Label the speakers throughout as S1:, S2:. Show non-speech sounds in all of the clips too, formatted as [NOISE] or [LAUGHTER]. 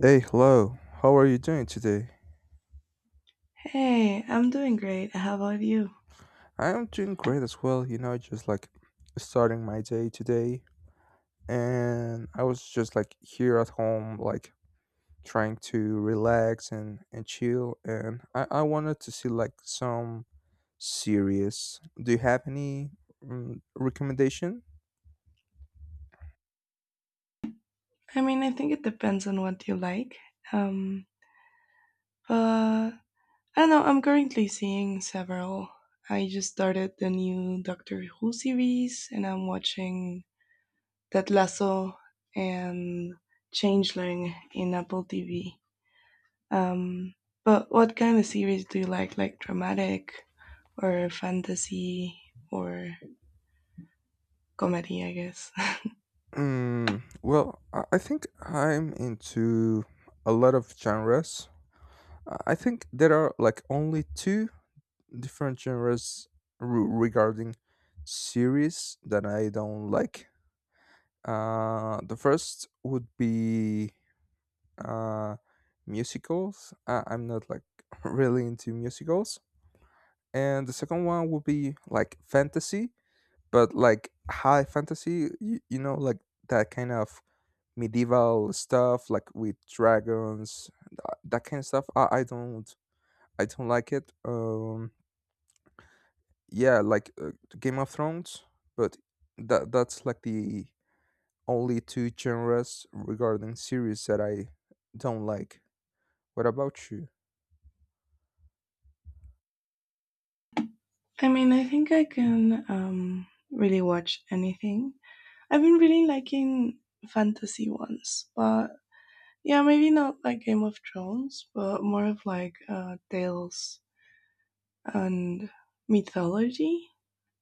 S1: Hey, hello. How are you doing today?
S2: Hey, I'm doing great. How about you?
S1: I am doing great as well. You know, just like starting my day today, and I was just like here at home, like trying to relax and chill. And I wanted to see like some series. Do you have any recommendation?
S2: I mean, I think it depends on what you like. Um, but I don't know. I'm currently seeing several. I just started the new Doctor Who series, and I'm watching Ted Lasso and Changeling in Apple TV. Um, but what kind of series do you like? Like dramatic, or fantasy, or comedy? I guess.
S1: Mm, well, I think I'm into a lot of genres. I think there are like only two different genres regarding series that I don't like. The first would be uh, musicals. I'm not like [LAUGHS] really into musicals. And the second one would be like fantasy, but like high fantasy, you know, like that kind of medieval stuff, like with dragons, that kind of stuff. I don't like it. Yeah, like Game of Thrones, but that's like the only two genres regarding series that I don't like. What about you?
S2: I mean, I think I can really watch anything. I've been really liking fantasy ones, but yeah, maybe not like Game of Thrones, but more of like tales and mythology.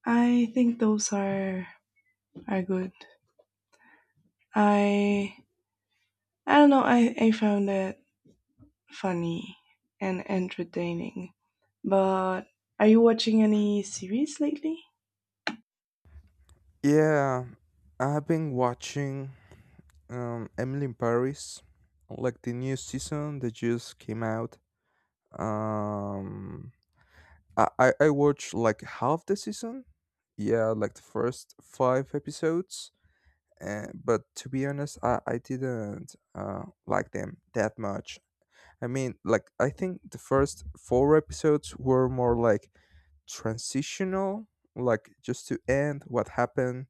S2: I think those are good. I I don't know. I found it funny and entertaining. But are you watching any series lately?
S1: Yeah, I've been watching Emily in Paris, like the new season that just came out. Um, I watched like half the season. Yeah, like the first five episodes. But to be honest, I didn't like them that much. I mean, like, I think the first four episodes were more like transitional, like just to end what happened,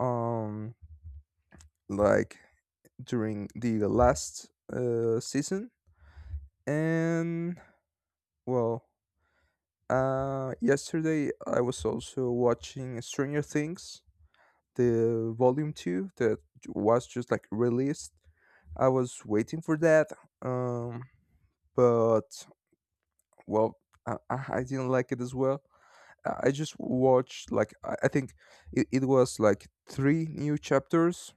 S1: um, like during the last season. And well, yesterday I was also watching Stranger Things, the volume two that was just like released. I was waiting for that, um, but well, I didn't like it as well. I just watched like I think it was like three new chapters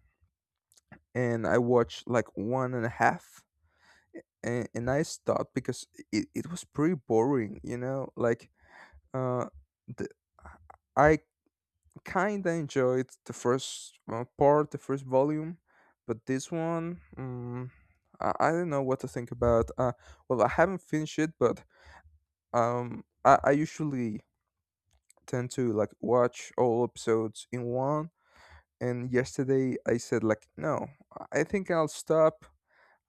S1: and I watched like one and a half and I stopped because it was pretty boring, you know, like uh the, I kind of enjoyed the first part, the first volume, but this one I don't know what to think about. Well, I haven't finished it, but I usually tend to like watch all episodes in one, and yesterday I said like no, I think I'll stop.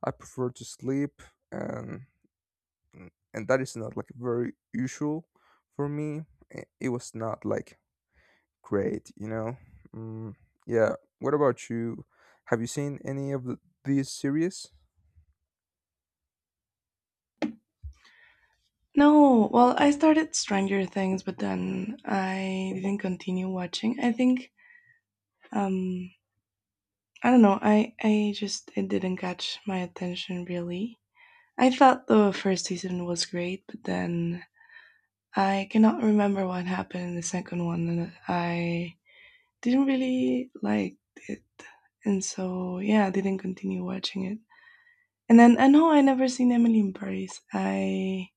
S1: I prefer to sleep, and and that is not like very usual for me. It was not like great, you know. mm, yeah, what about you? Have you seen any of these series?
S2: No, well, I started Stranger Things, but then I didn't continue watching. I think um I don't know. I just it didn't catch my attention really. I thought the first season was great, but then I cannot remember what happened in the second one and I didn't really like it. And so, yeah, I didn't continue watching it. And then I know I never seen Emily in Paris. I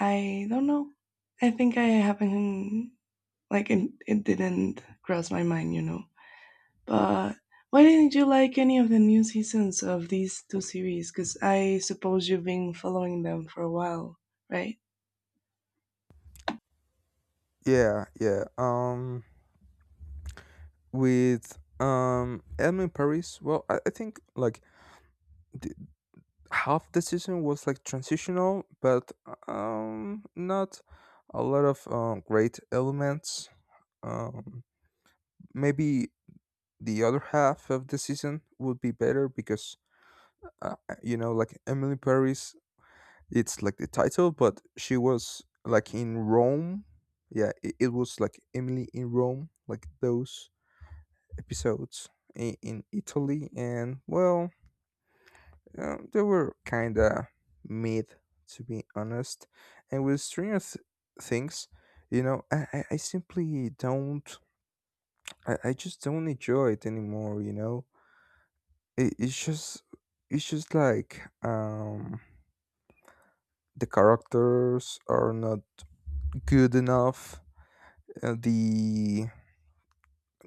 S2: I don't know. I think I haven't like it didn't cross my mind. But why didn't you like any of the new seasons of these two series? Because I suppose you've been following them for a while, right?
S1: Yeah, yeah. With Emily in Paris, well I think like th- half the season was like transitional, but not a lot of great elements. Um, Maybe the other half of the season would be better because uh, you know, like Emily Paris, it's like the title, but she was like in Rome. Yeah, it was like Emily in Rome, like those episodes in Italy, and well, they were kinda mid, to be honest. And with Things, you know, I simply don't. I just don't enjoy it anymore. You know, it, it's just it's just like the characters are not good enough. Uh, the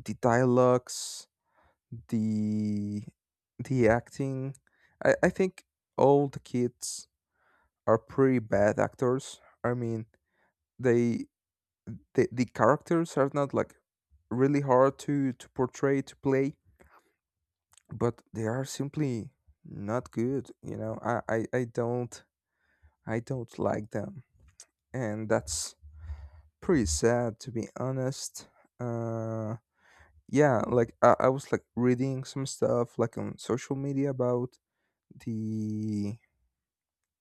S1: the dialogues, the the acting. I think all the kids are pretty bad actors. I mean, they the characters are not like really hard to portray to play, but they are simply not good, you know. I don't like them, and that's pretty sad to be honest. uh yeah, like I was like reading some stuff like on social media about the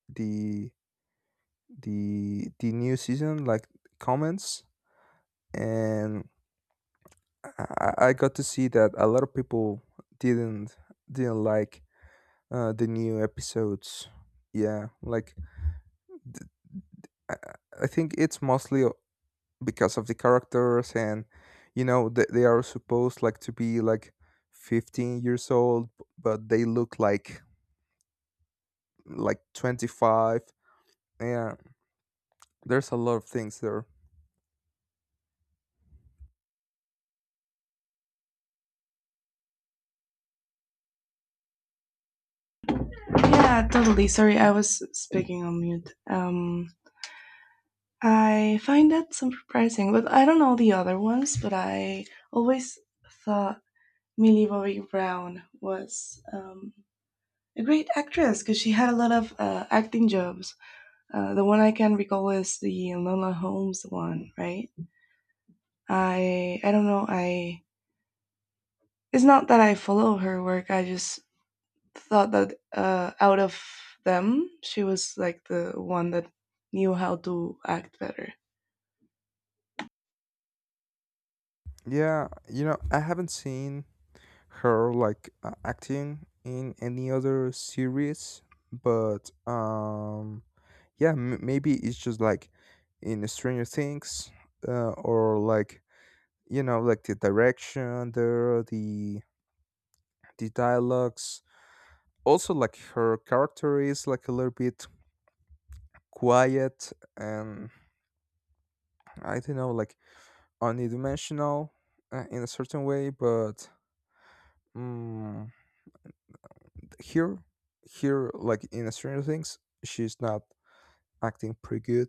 S1: the the new season, like comments, and I got to see that a lot of people didn't didn't like the new episodes. Yeah, like th- I, I think it's mostly because of the characters, and you know they are supposed like to be like 15 years old, but they look like 25. Yeah, there's a lot of things there.
S2: Yeah, totally. Sorry, I was speaking on mute. I find that some surprising, but I don't know the other ones. But I always thought Millie Bobby Brown was a great actress because she had a lot of acting jobs. The one I can recall is the Lola Holmes one, right? I don't know. I it's not that I follow her work. I just thought that out of them, she was like the one that knew how to act better.
S1: Yeah, you know, I haven't seen her like acting in any other series, but yeah, maybe it's just like in Stranger Things, or like, you know, like the direction there, the dialogues, also like her character is like a little bit quiet, and I don't know, like unidimensional in a certain way, but mm, here, here like in Stranger Things, she's not acting pretty good.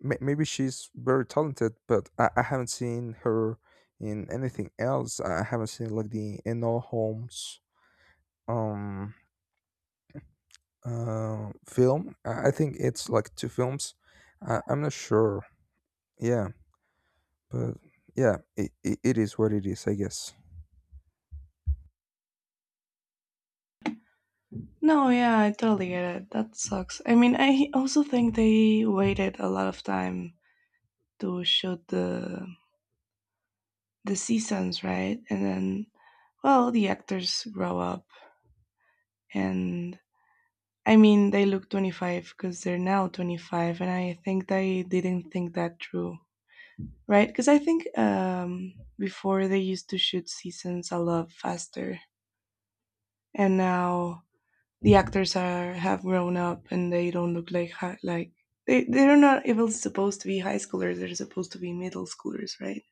S1: Maybe she's very talented, but I haven't seen her in anything else. I haven't seen like the Enola Holmes um film. I think it's like two films. I'm not sure. Yeah, but yeah, it is what it is, I guess.
S2: No, yeah, I totally get it. That sucks. I mean, I also think they waited a lot of time to shoot the seasons, right? And then, well, the actors grow up. And I mean, they look 25 because they're now 25, and I think they didn't think that through, right? Because I think before they used to shoot seasons a lot faster, and now the actors are have grown up and they don't look like like they're not even supposed to be high schoolers; they're supposed to be middle schoolers, right?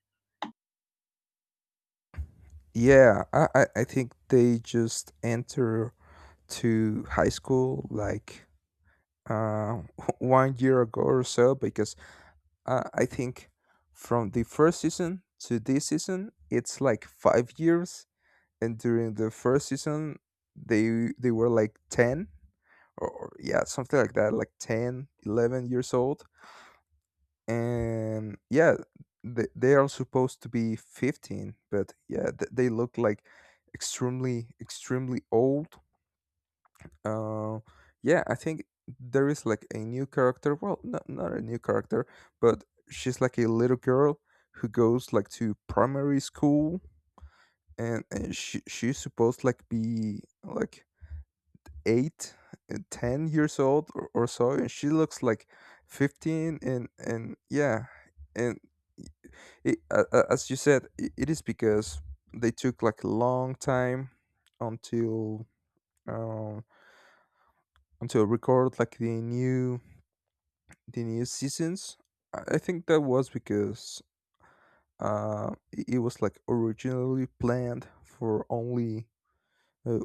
S1: Yeah, I think they just enter to high school like uh, [LAUGHS] 1 year ago or so because I think from the first season to this season, it's like 5 years. And during the first season, they were like 10, or yeah, something like that, like 10, 11 years old. And yeah, they are supposed to be 15, but yeah, they look like extremely, extremely old. Uh, yeah, I think there is like a new character. Well, not a new character, but she's like a little girl who goes like to primary school, and she's supposed like be like eight, 10 years old or so, and she looks like 15, and yeah, and as you said, I it is because they took like a long time until uh, until record like the new seasons. I think that was because it was like originally planned for only uh,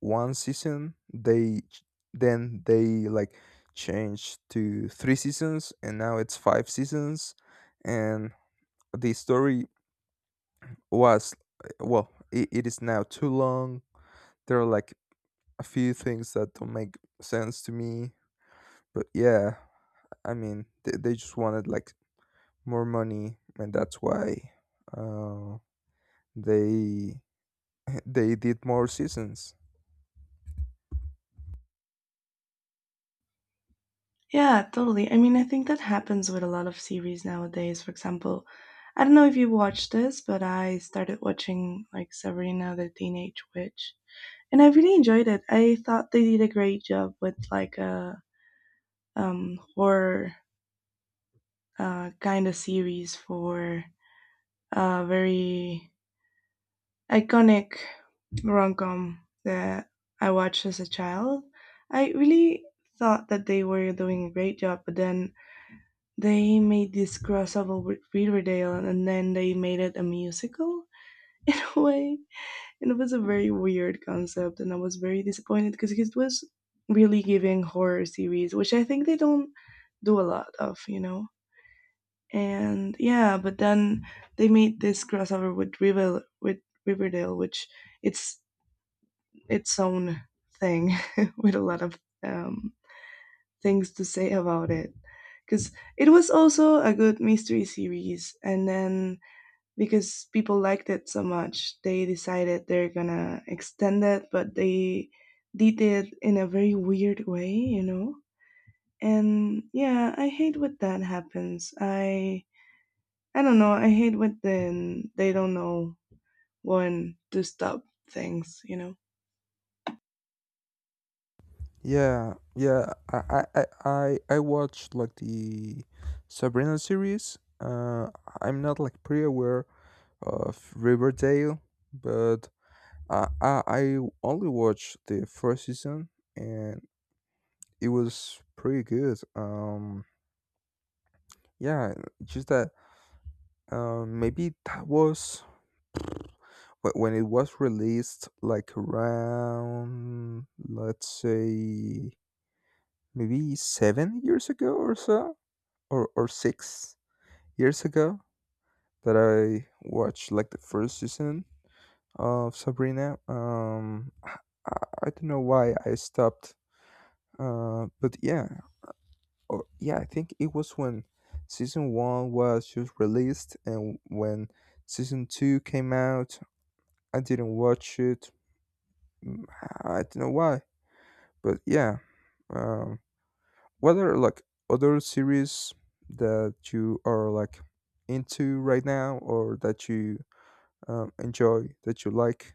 S1: one season. Then they like changed to three seasons, and now it's five seasons. And the story was well, it is now too long. There are like a few things that don't make sense to me, but yeah, I mean, they just wanted like more money, and that's why uh, they [LAUGHS] they did more seasons.
S2: Yeah, totally. I mean, I think that happens with a lot of series nowadays. For example, I don't know if you watched this, but I started watching like Sabrina the Teenage Witch, and I really enjoyed it. I thought they did a great job with like a horror kind of series for a very iconic rom com that I watched as a child. I really thought that they were doing a great job, but then they made this crossover with Riverdale and then they made it a musical [LAUGHS] in a way. And it was a very weird concept and I was very disappointed because it was really giving horror series, which I think they don't do a lot of, you know. And yeah, but then they made this crossover with Riverdale, which it's its own thing [LAUGHS] with a lot of um, things to say about it because it was also a good mystery series, and then because people liked it so much they decided they're gonna extend it, but they did it in a very weird way, you know. And yeah, I hate when that happens. I don't know, I hate when then they don't know when to stop things, you know.
S1: Yeah, yeah. I watched like the Sabrina series. I'm not like pretty aware of Riverdale, but I only watched the first season, and it was pretty good. Yeah, just that. Maybe that was when it was released like around, let's say maybe 7 years ago or so, or 6 years ago, that I watched like the first season of Sabrina. I, I don't know why I stopped, but yeah. Or yeah, I think it was when season one was just released, and when season two came out, I didn't watch it. Mm, I don't know why, but yeah. Um, what are like other series that you are like into right now, or that you enjoy, that you like?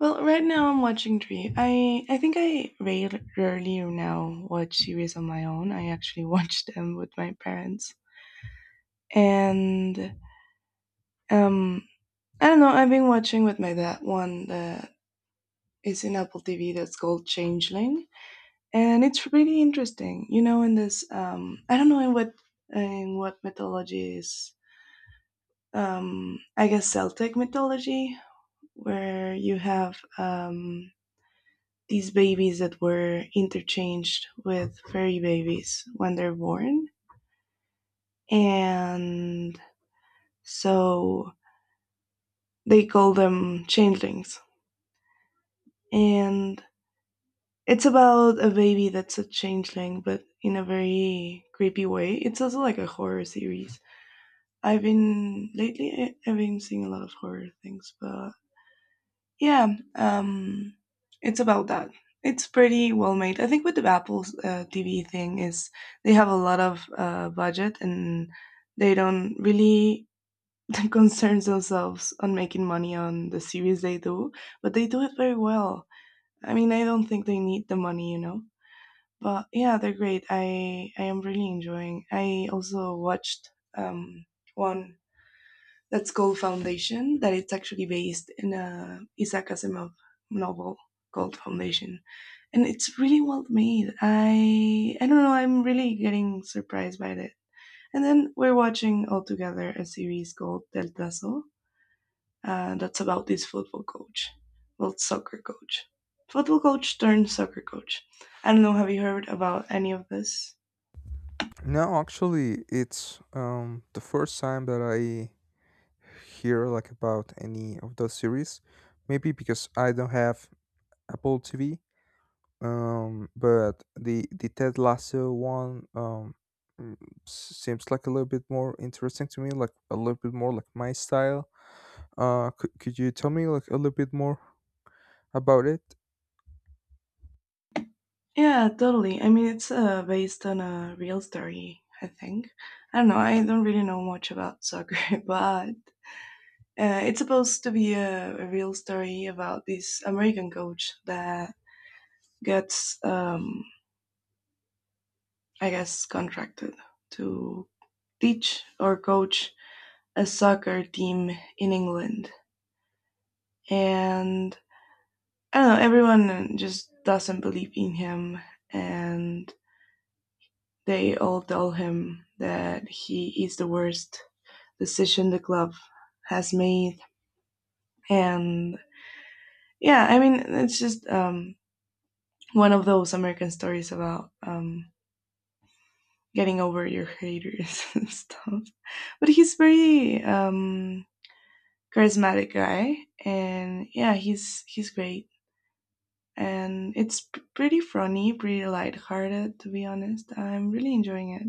S2: Well, right now I'm watching three. I think I rarely now watch series on my own. I actually [LAUGHS] watch them with my parents, and um I don't know. I've been watching with my dad one that is in Apple TV that's called Changeling, and it's really interesting. You know, in this, I don't know in what, in what mythology is. I guess Celtic mythology, where you have these babies that were interchanged with fairy babies when they're born, and so they call them changelings. And it's about a baby that's a changeling, but in a very creepy way. It's also like a horror series. I've been lately. I've been seeing a lot of horror things, but yeah, um, it's about that. It's pretty well made. I think with the Apple's TV thing is they have a lot of budget and they don't really [LAUGHS] concern themselves on making money on the series they do, but they do it very well. I mean, I don't think they need the money, you know. But yeah, they're great. I am really enjoying. I also watched um one that's called Foundation, that it's actually based in a Isaac Asimov novel called Foundation, and it's really well made. I don't know. I'm really getting surprised by it. And then we're watching all together a series called Del Tazo, that's about this football coach, well, soccer coach, football coach turned soccer coach. I don't know. Have you heard about any of this?
S1: No, actually, it's the first time that I hear like about any of those series. Maybe because I don't have Apple TV. But the Ted Lasso one, mm, seems like a little bit more interesting to me, like a little bit more like my style. Could you tell me like a little bit more about it?
S2: Yeah, totally. I mean, it's based on a real story, I think. I don't know. I don't really know much about soccer, [LAUGHS] but it's supposed to be a real story about this American coach that gets, I guess, contracted to teach or coach a soccer team in England. And I don't know, everyone just doesn't believe in him, and they all tell him that he is the worst decision the club has made. And yeah, I mean, it's just one of those American stories about getting over your haters [LAUGHS] and stuff. But he's very charismatic guy, and yeah, he's great. And it's pretty funny, pretty lighthearted, to be honest. I'm really enjoying it.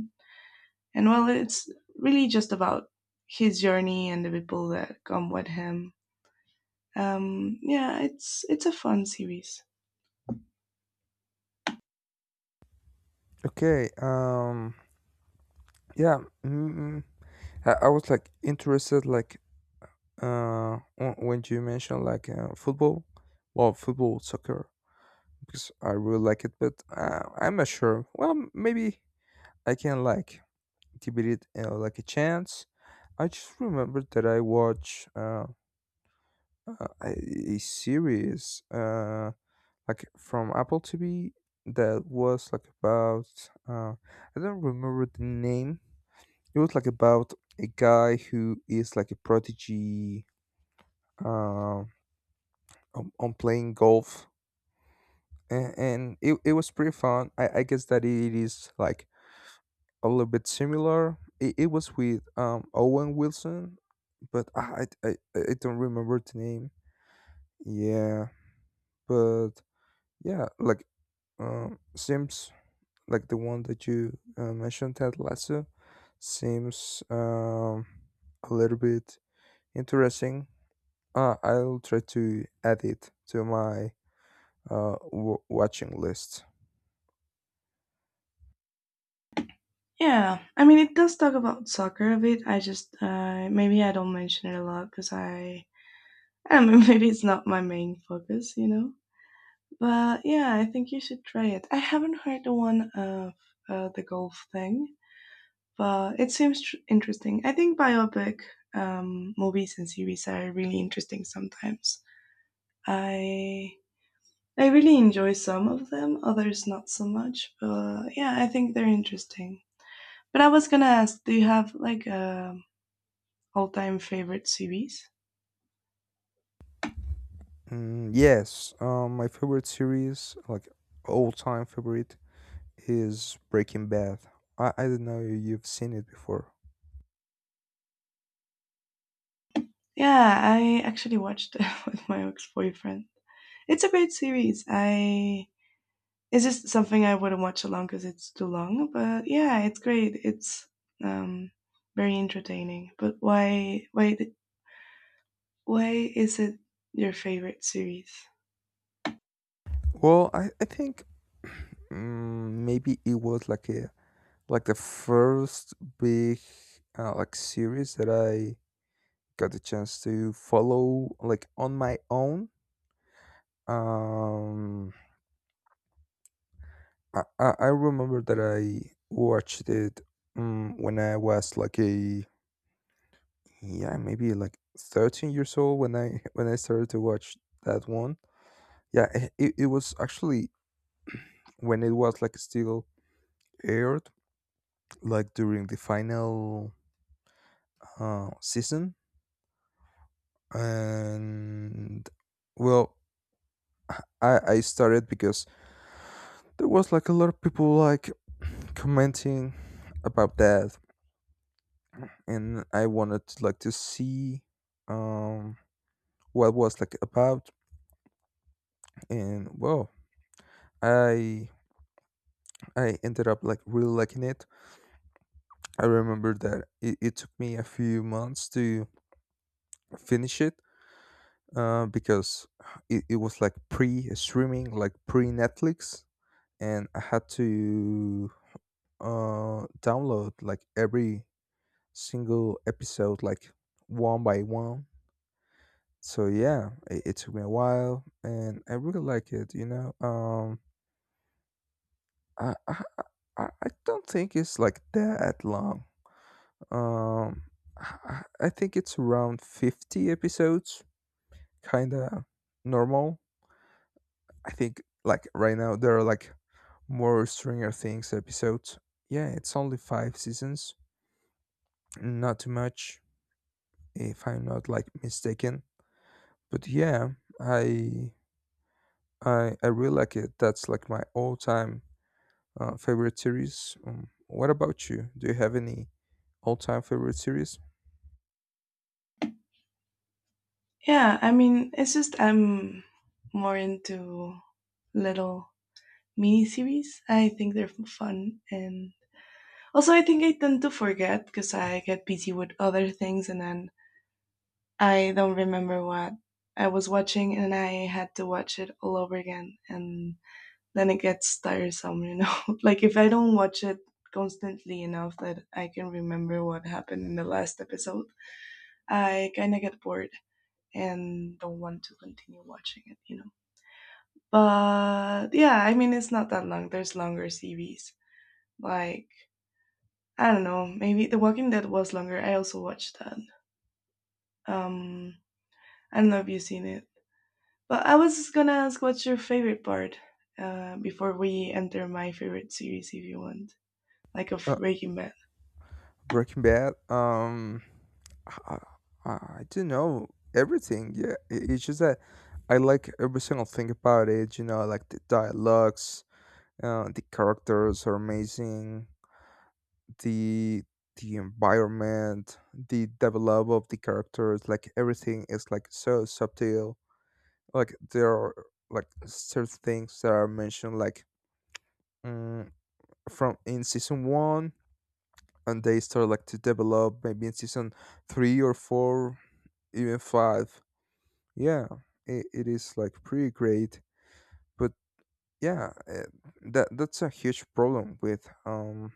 S2: And well, it's really just about his journey and the people that come with him. Yeah, it's a fun series.
S1: Okay. Yeah. Mm, I was like interested like when you mentioned like football, well football soccer, because I really like it, but I'm not sure. Well, maybe I can like give it like a chance. I just remembered that I watched uh, a a series. Like from Apple TV that was like about I don't remember the name. It was like about a guy who is like a prodigy uh on playing golf, and it was pretty fun. I guess that it is like a little bit similar. It was with Owen Wilson, but I don't remember the name. Yeah, but yeah, like Sims like the one that you mentioned, Ted Lasso, seems a little bit interesting. I'll try to add it to my watching list.
S2: Yeah, I mean it does talk about soccer a bit. I just maybe I don't mention it a lot because I [LAUGHS] I don't know [LAUGHS] maybe it's not my main focus, you know. But yeah, I think you should try it. I haven't heard the one of the golf thing, but it seems interesting. I think biopic movies and series are really interesting sometimes. I I really enjoy some of them, others not so much. But yeah, I think they're interesting. But I was gonna ask, do you have like a all-time favorite series?
S1: Yes, my favorite series, like all time favorite, is Breaking Bad. I don't know if you've seen it before.
S2: Yeah, I actually watched it [LAUGHS] with my ex-boyfriend. It's a great series. I it's just something I wouldn't watch alone because it's too long. But yeah, it's great. It's um very entertaining. But why is it your favorite series?
S1: Well, I think [CLEARS THROAT] maybe it was like a like the first big like series that I got the chance to follow like on my own. Um, I remember that I watched it when I was like a yeah, maybe like 13 years old when I [LAUGHS] when I started to watch that one. Yeah, it it was actually when it was like still aired like during the final season, and well, I started because there was like a lot of people like commenting about that, and I wanted to, like to see um what was like about, and well, I I ended up like really liking it. I remember that it took me a few months to finish it, because it was like pre streaming, like pre Netflix, and I had to download like every single episode like one by one. So yeah, it took me a while, and I really like it. I I I don't think it's like that long. Um, I think it's around 50 episodes, kind of normal. I think like right now there are like more Stranger Things episodes. Yeah, it's only five seasons, not too much, if I'm not like mistaken. But yeah, I I really like it. That's like my all-time favorite series. What about you? Do you have any all-time favorite series?
S2: Yeah, I mean, it's just I'm more into little mini series. I think they're fun, and also I think I tend to forget because I get busy with other things, and then I don't remember what I was watching, and I had to watch it all over again, and then it gets tiresome, you know. [LAUGHS] Like if I don't watch it constantly enough that I can remember what happened in the last episode, I kind of get bored and don't want to continue watching it, you know. But yeah, I mean it's not that long. There's longer series. Like I don't know, maybe The Walking Dead was longer. I also watched that. Um, I don't know if you've seen it. But I was gonna ask what's your favorite part before we enter my favorite series, if you want, like of
S1: Uh,
S2: Breaking Bad.
S1: Breaking Bad. I, I don't know everything. Yeah, it's just that I like every single thing about it. You know, like the dialogues, the characters are amazing. The the environment, the develop of the characters, like everything is like so subtle. Like there are like certain things that are mentioned, like, mm, from in season one, and they start like to develop maybe in season three or four, even five. Yeah, it is like pretty great. But yeah, that's a huge problem with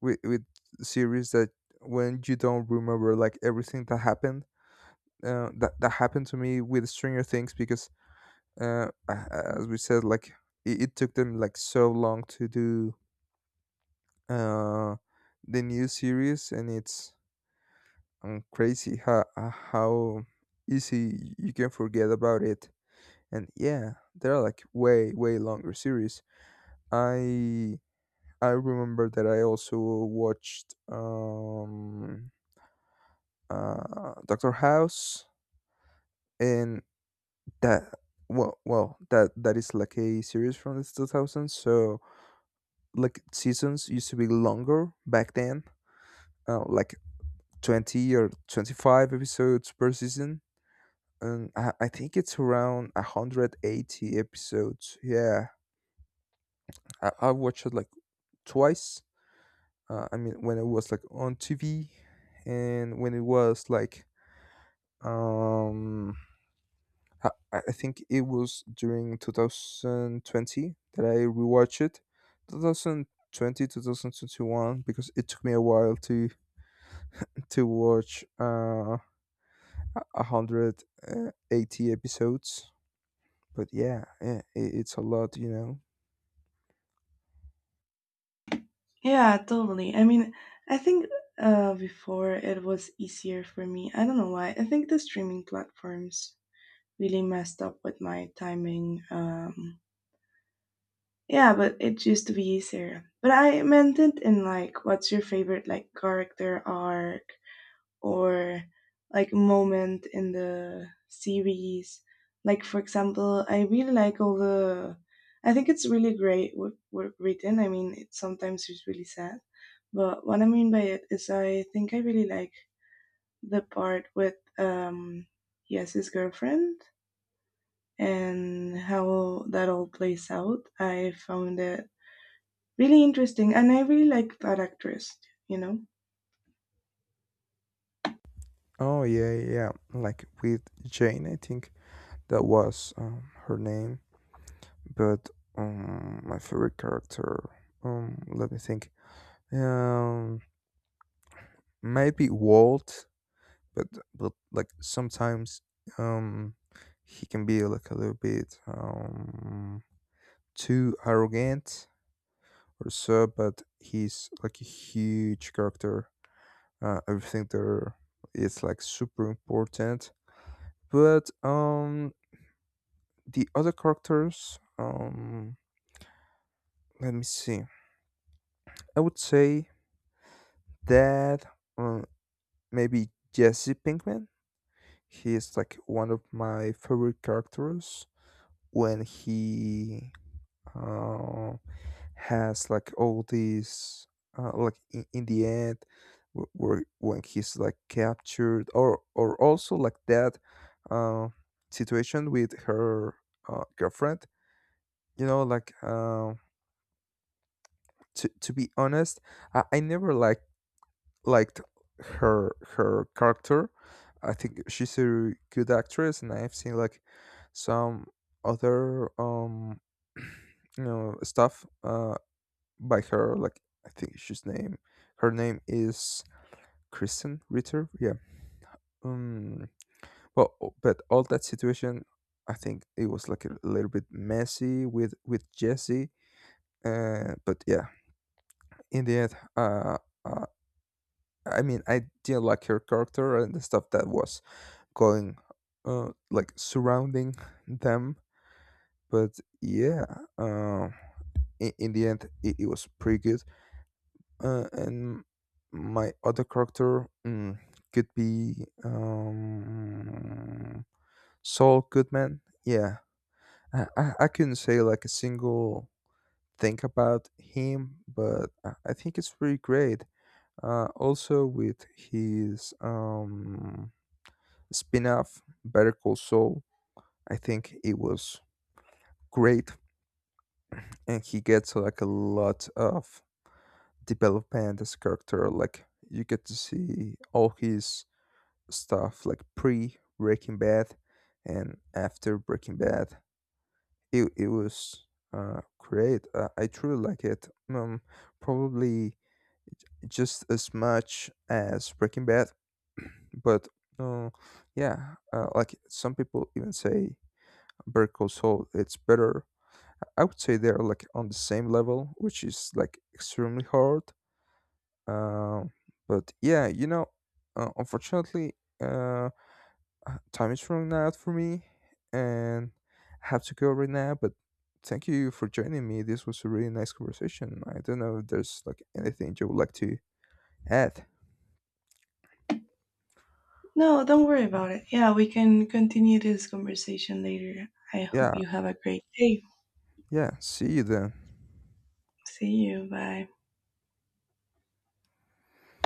S1: with series that, when you don't remember like everything that happened, that happened to me with Stranger Things because as we said, like it took them like so long to do uh the new series, and it's and crazy how how easy you can forget about it. And yeah, they're like way way longer series. I I remember that I also watched Doctor House, and that, well that is like a series from the 2000s, so like seasons used to be longer back then, like 20 or 25 episodes per season. And I think it's around 180 episodes. Yeah, I watched it like twice. I mean, when it was like on TV, and when it was like, um, I think it was during 2020 that I rewatched it. 2020, 2021, because it took me a while to watch 180 episodes. But yeah, yeah, it's a lot, you know.
S2: Yeah, totally. I mean, I think before it was easier for me. I don't know why. I think the streaming platforms really messed up with my timing. Yeah, but it used to be easier. But I meant it in like, what's your favorite like character arc or like moment in the series? Like for example, I really like all the. I think it's really great what written. I mean, it sometimes is really sad, but what I mean by it is, I think I really like the part with yes, his girlfriend and how that all plays out. I found it really interesting and I really like that actress, you know.
S1: Oh yeah, yeah, yeah. Like with Jane, I think that was, her name. But my favorite character, let me think. Um, Maybe Walt, but like sometimes, um, he can be like a little bit too arrogant or so. But he's like a huge character. Everything there is like super important. But the other characters, let me see. I would say that, uh, maybe Jesse Pinkman, he is like one of my favorite characters. When he, uh, has like all these, like in the end, wh- where when he's like captured or also like that, uh, situation with her, girlfriend. You know, like, to be honest, I never liked her character. I think she's a good actress, and I've seen like some other [CLEARS THROAT] stuff by her. Like, I think she's name her name is Kristen Ritter. Yeah. Um. Well, but all that situation, I think it was like a little bit messy with Jesse. But yeah, in the end, uh, I mean, I didn't like her character and the stuff that was going, like surrounding them. But yeah, uh, in the end, it was pretty good. And my other character, could be, um, Saul Goodman. Yeah, I couldn't say like a single thing about him, but I think it's pretty great. Also with his spin-off Better Call Saul, I think it was great, and he gets like a lot of development as a character, like you get to see all his stuff, like pre Breaking Bad and after Breaking Bad. It was, great. I truly like it, um, probably just as much as Breaking Bad. But uh, yeah, like some people even say Better Call Saul, it's better. I would say they're like on the same level, which is like extremely hard. Um, but yeah, you know, unfortunately, uh, time is running out for me, and I have to go right now. But thank you for joining me. This was a really nice conversation. I don't know if there's like anything you would like to add.
S2: No, don't worry about it, yeah, we can continue this conversation later. I hope
S1: Yeah,
S2: you have a great day.
S1: yeah. See you then.
S2: See you, bye.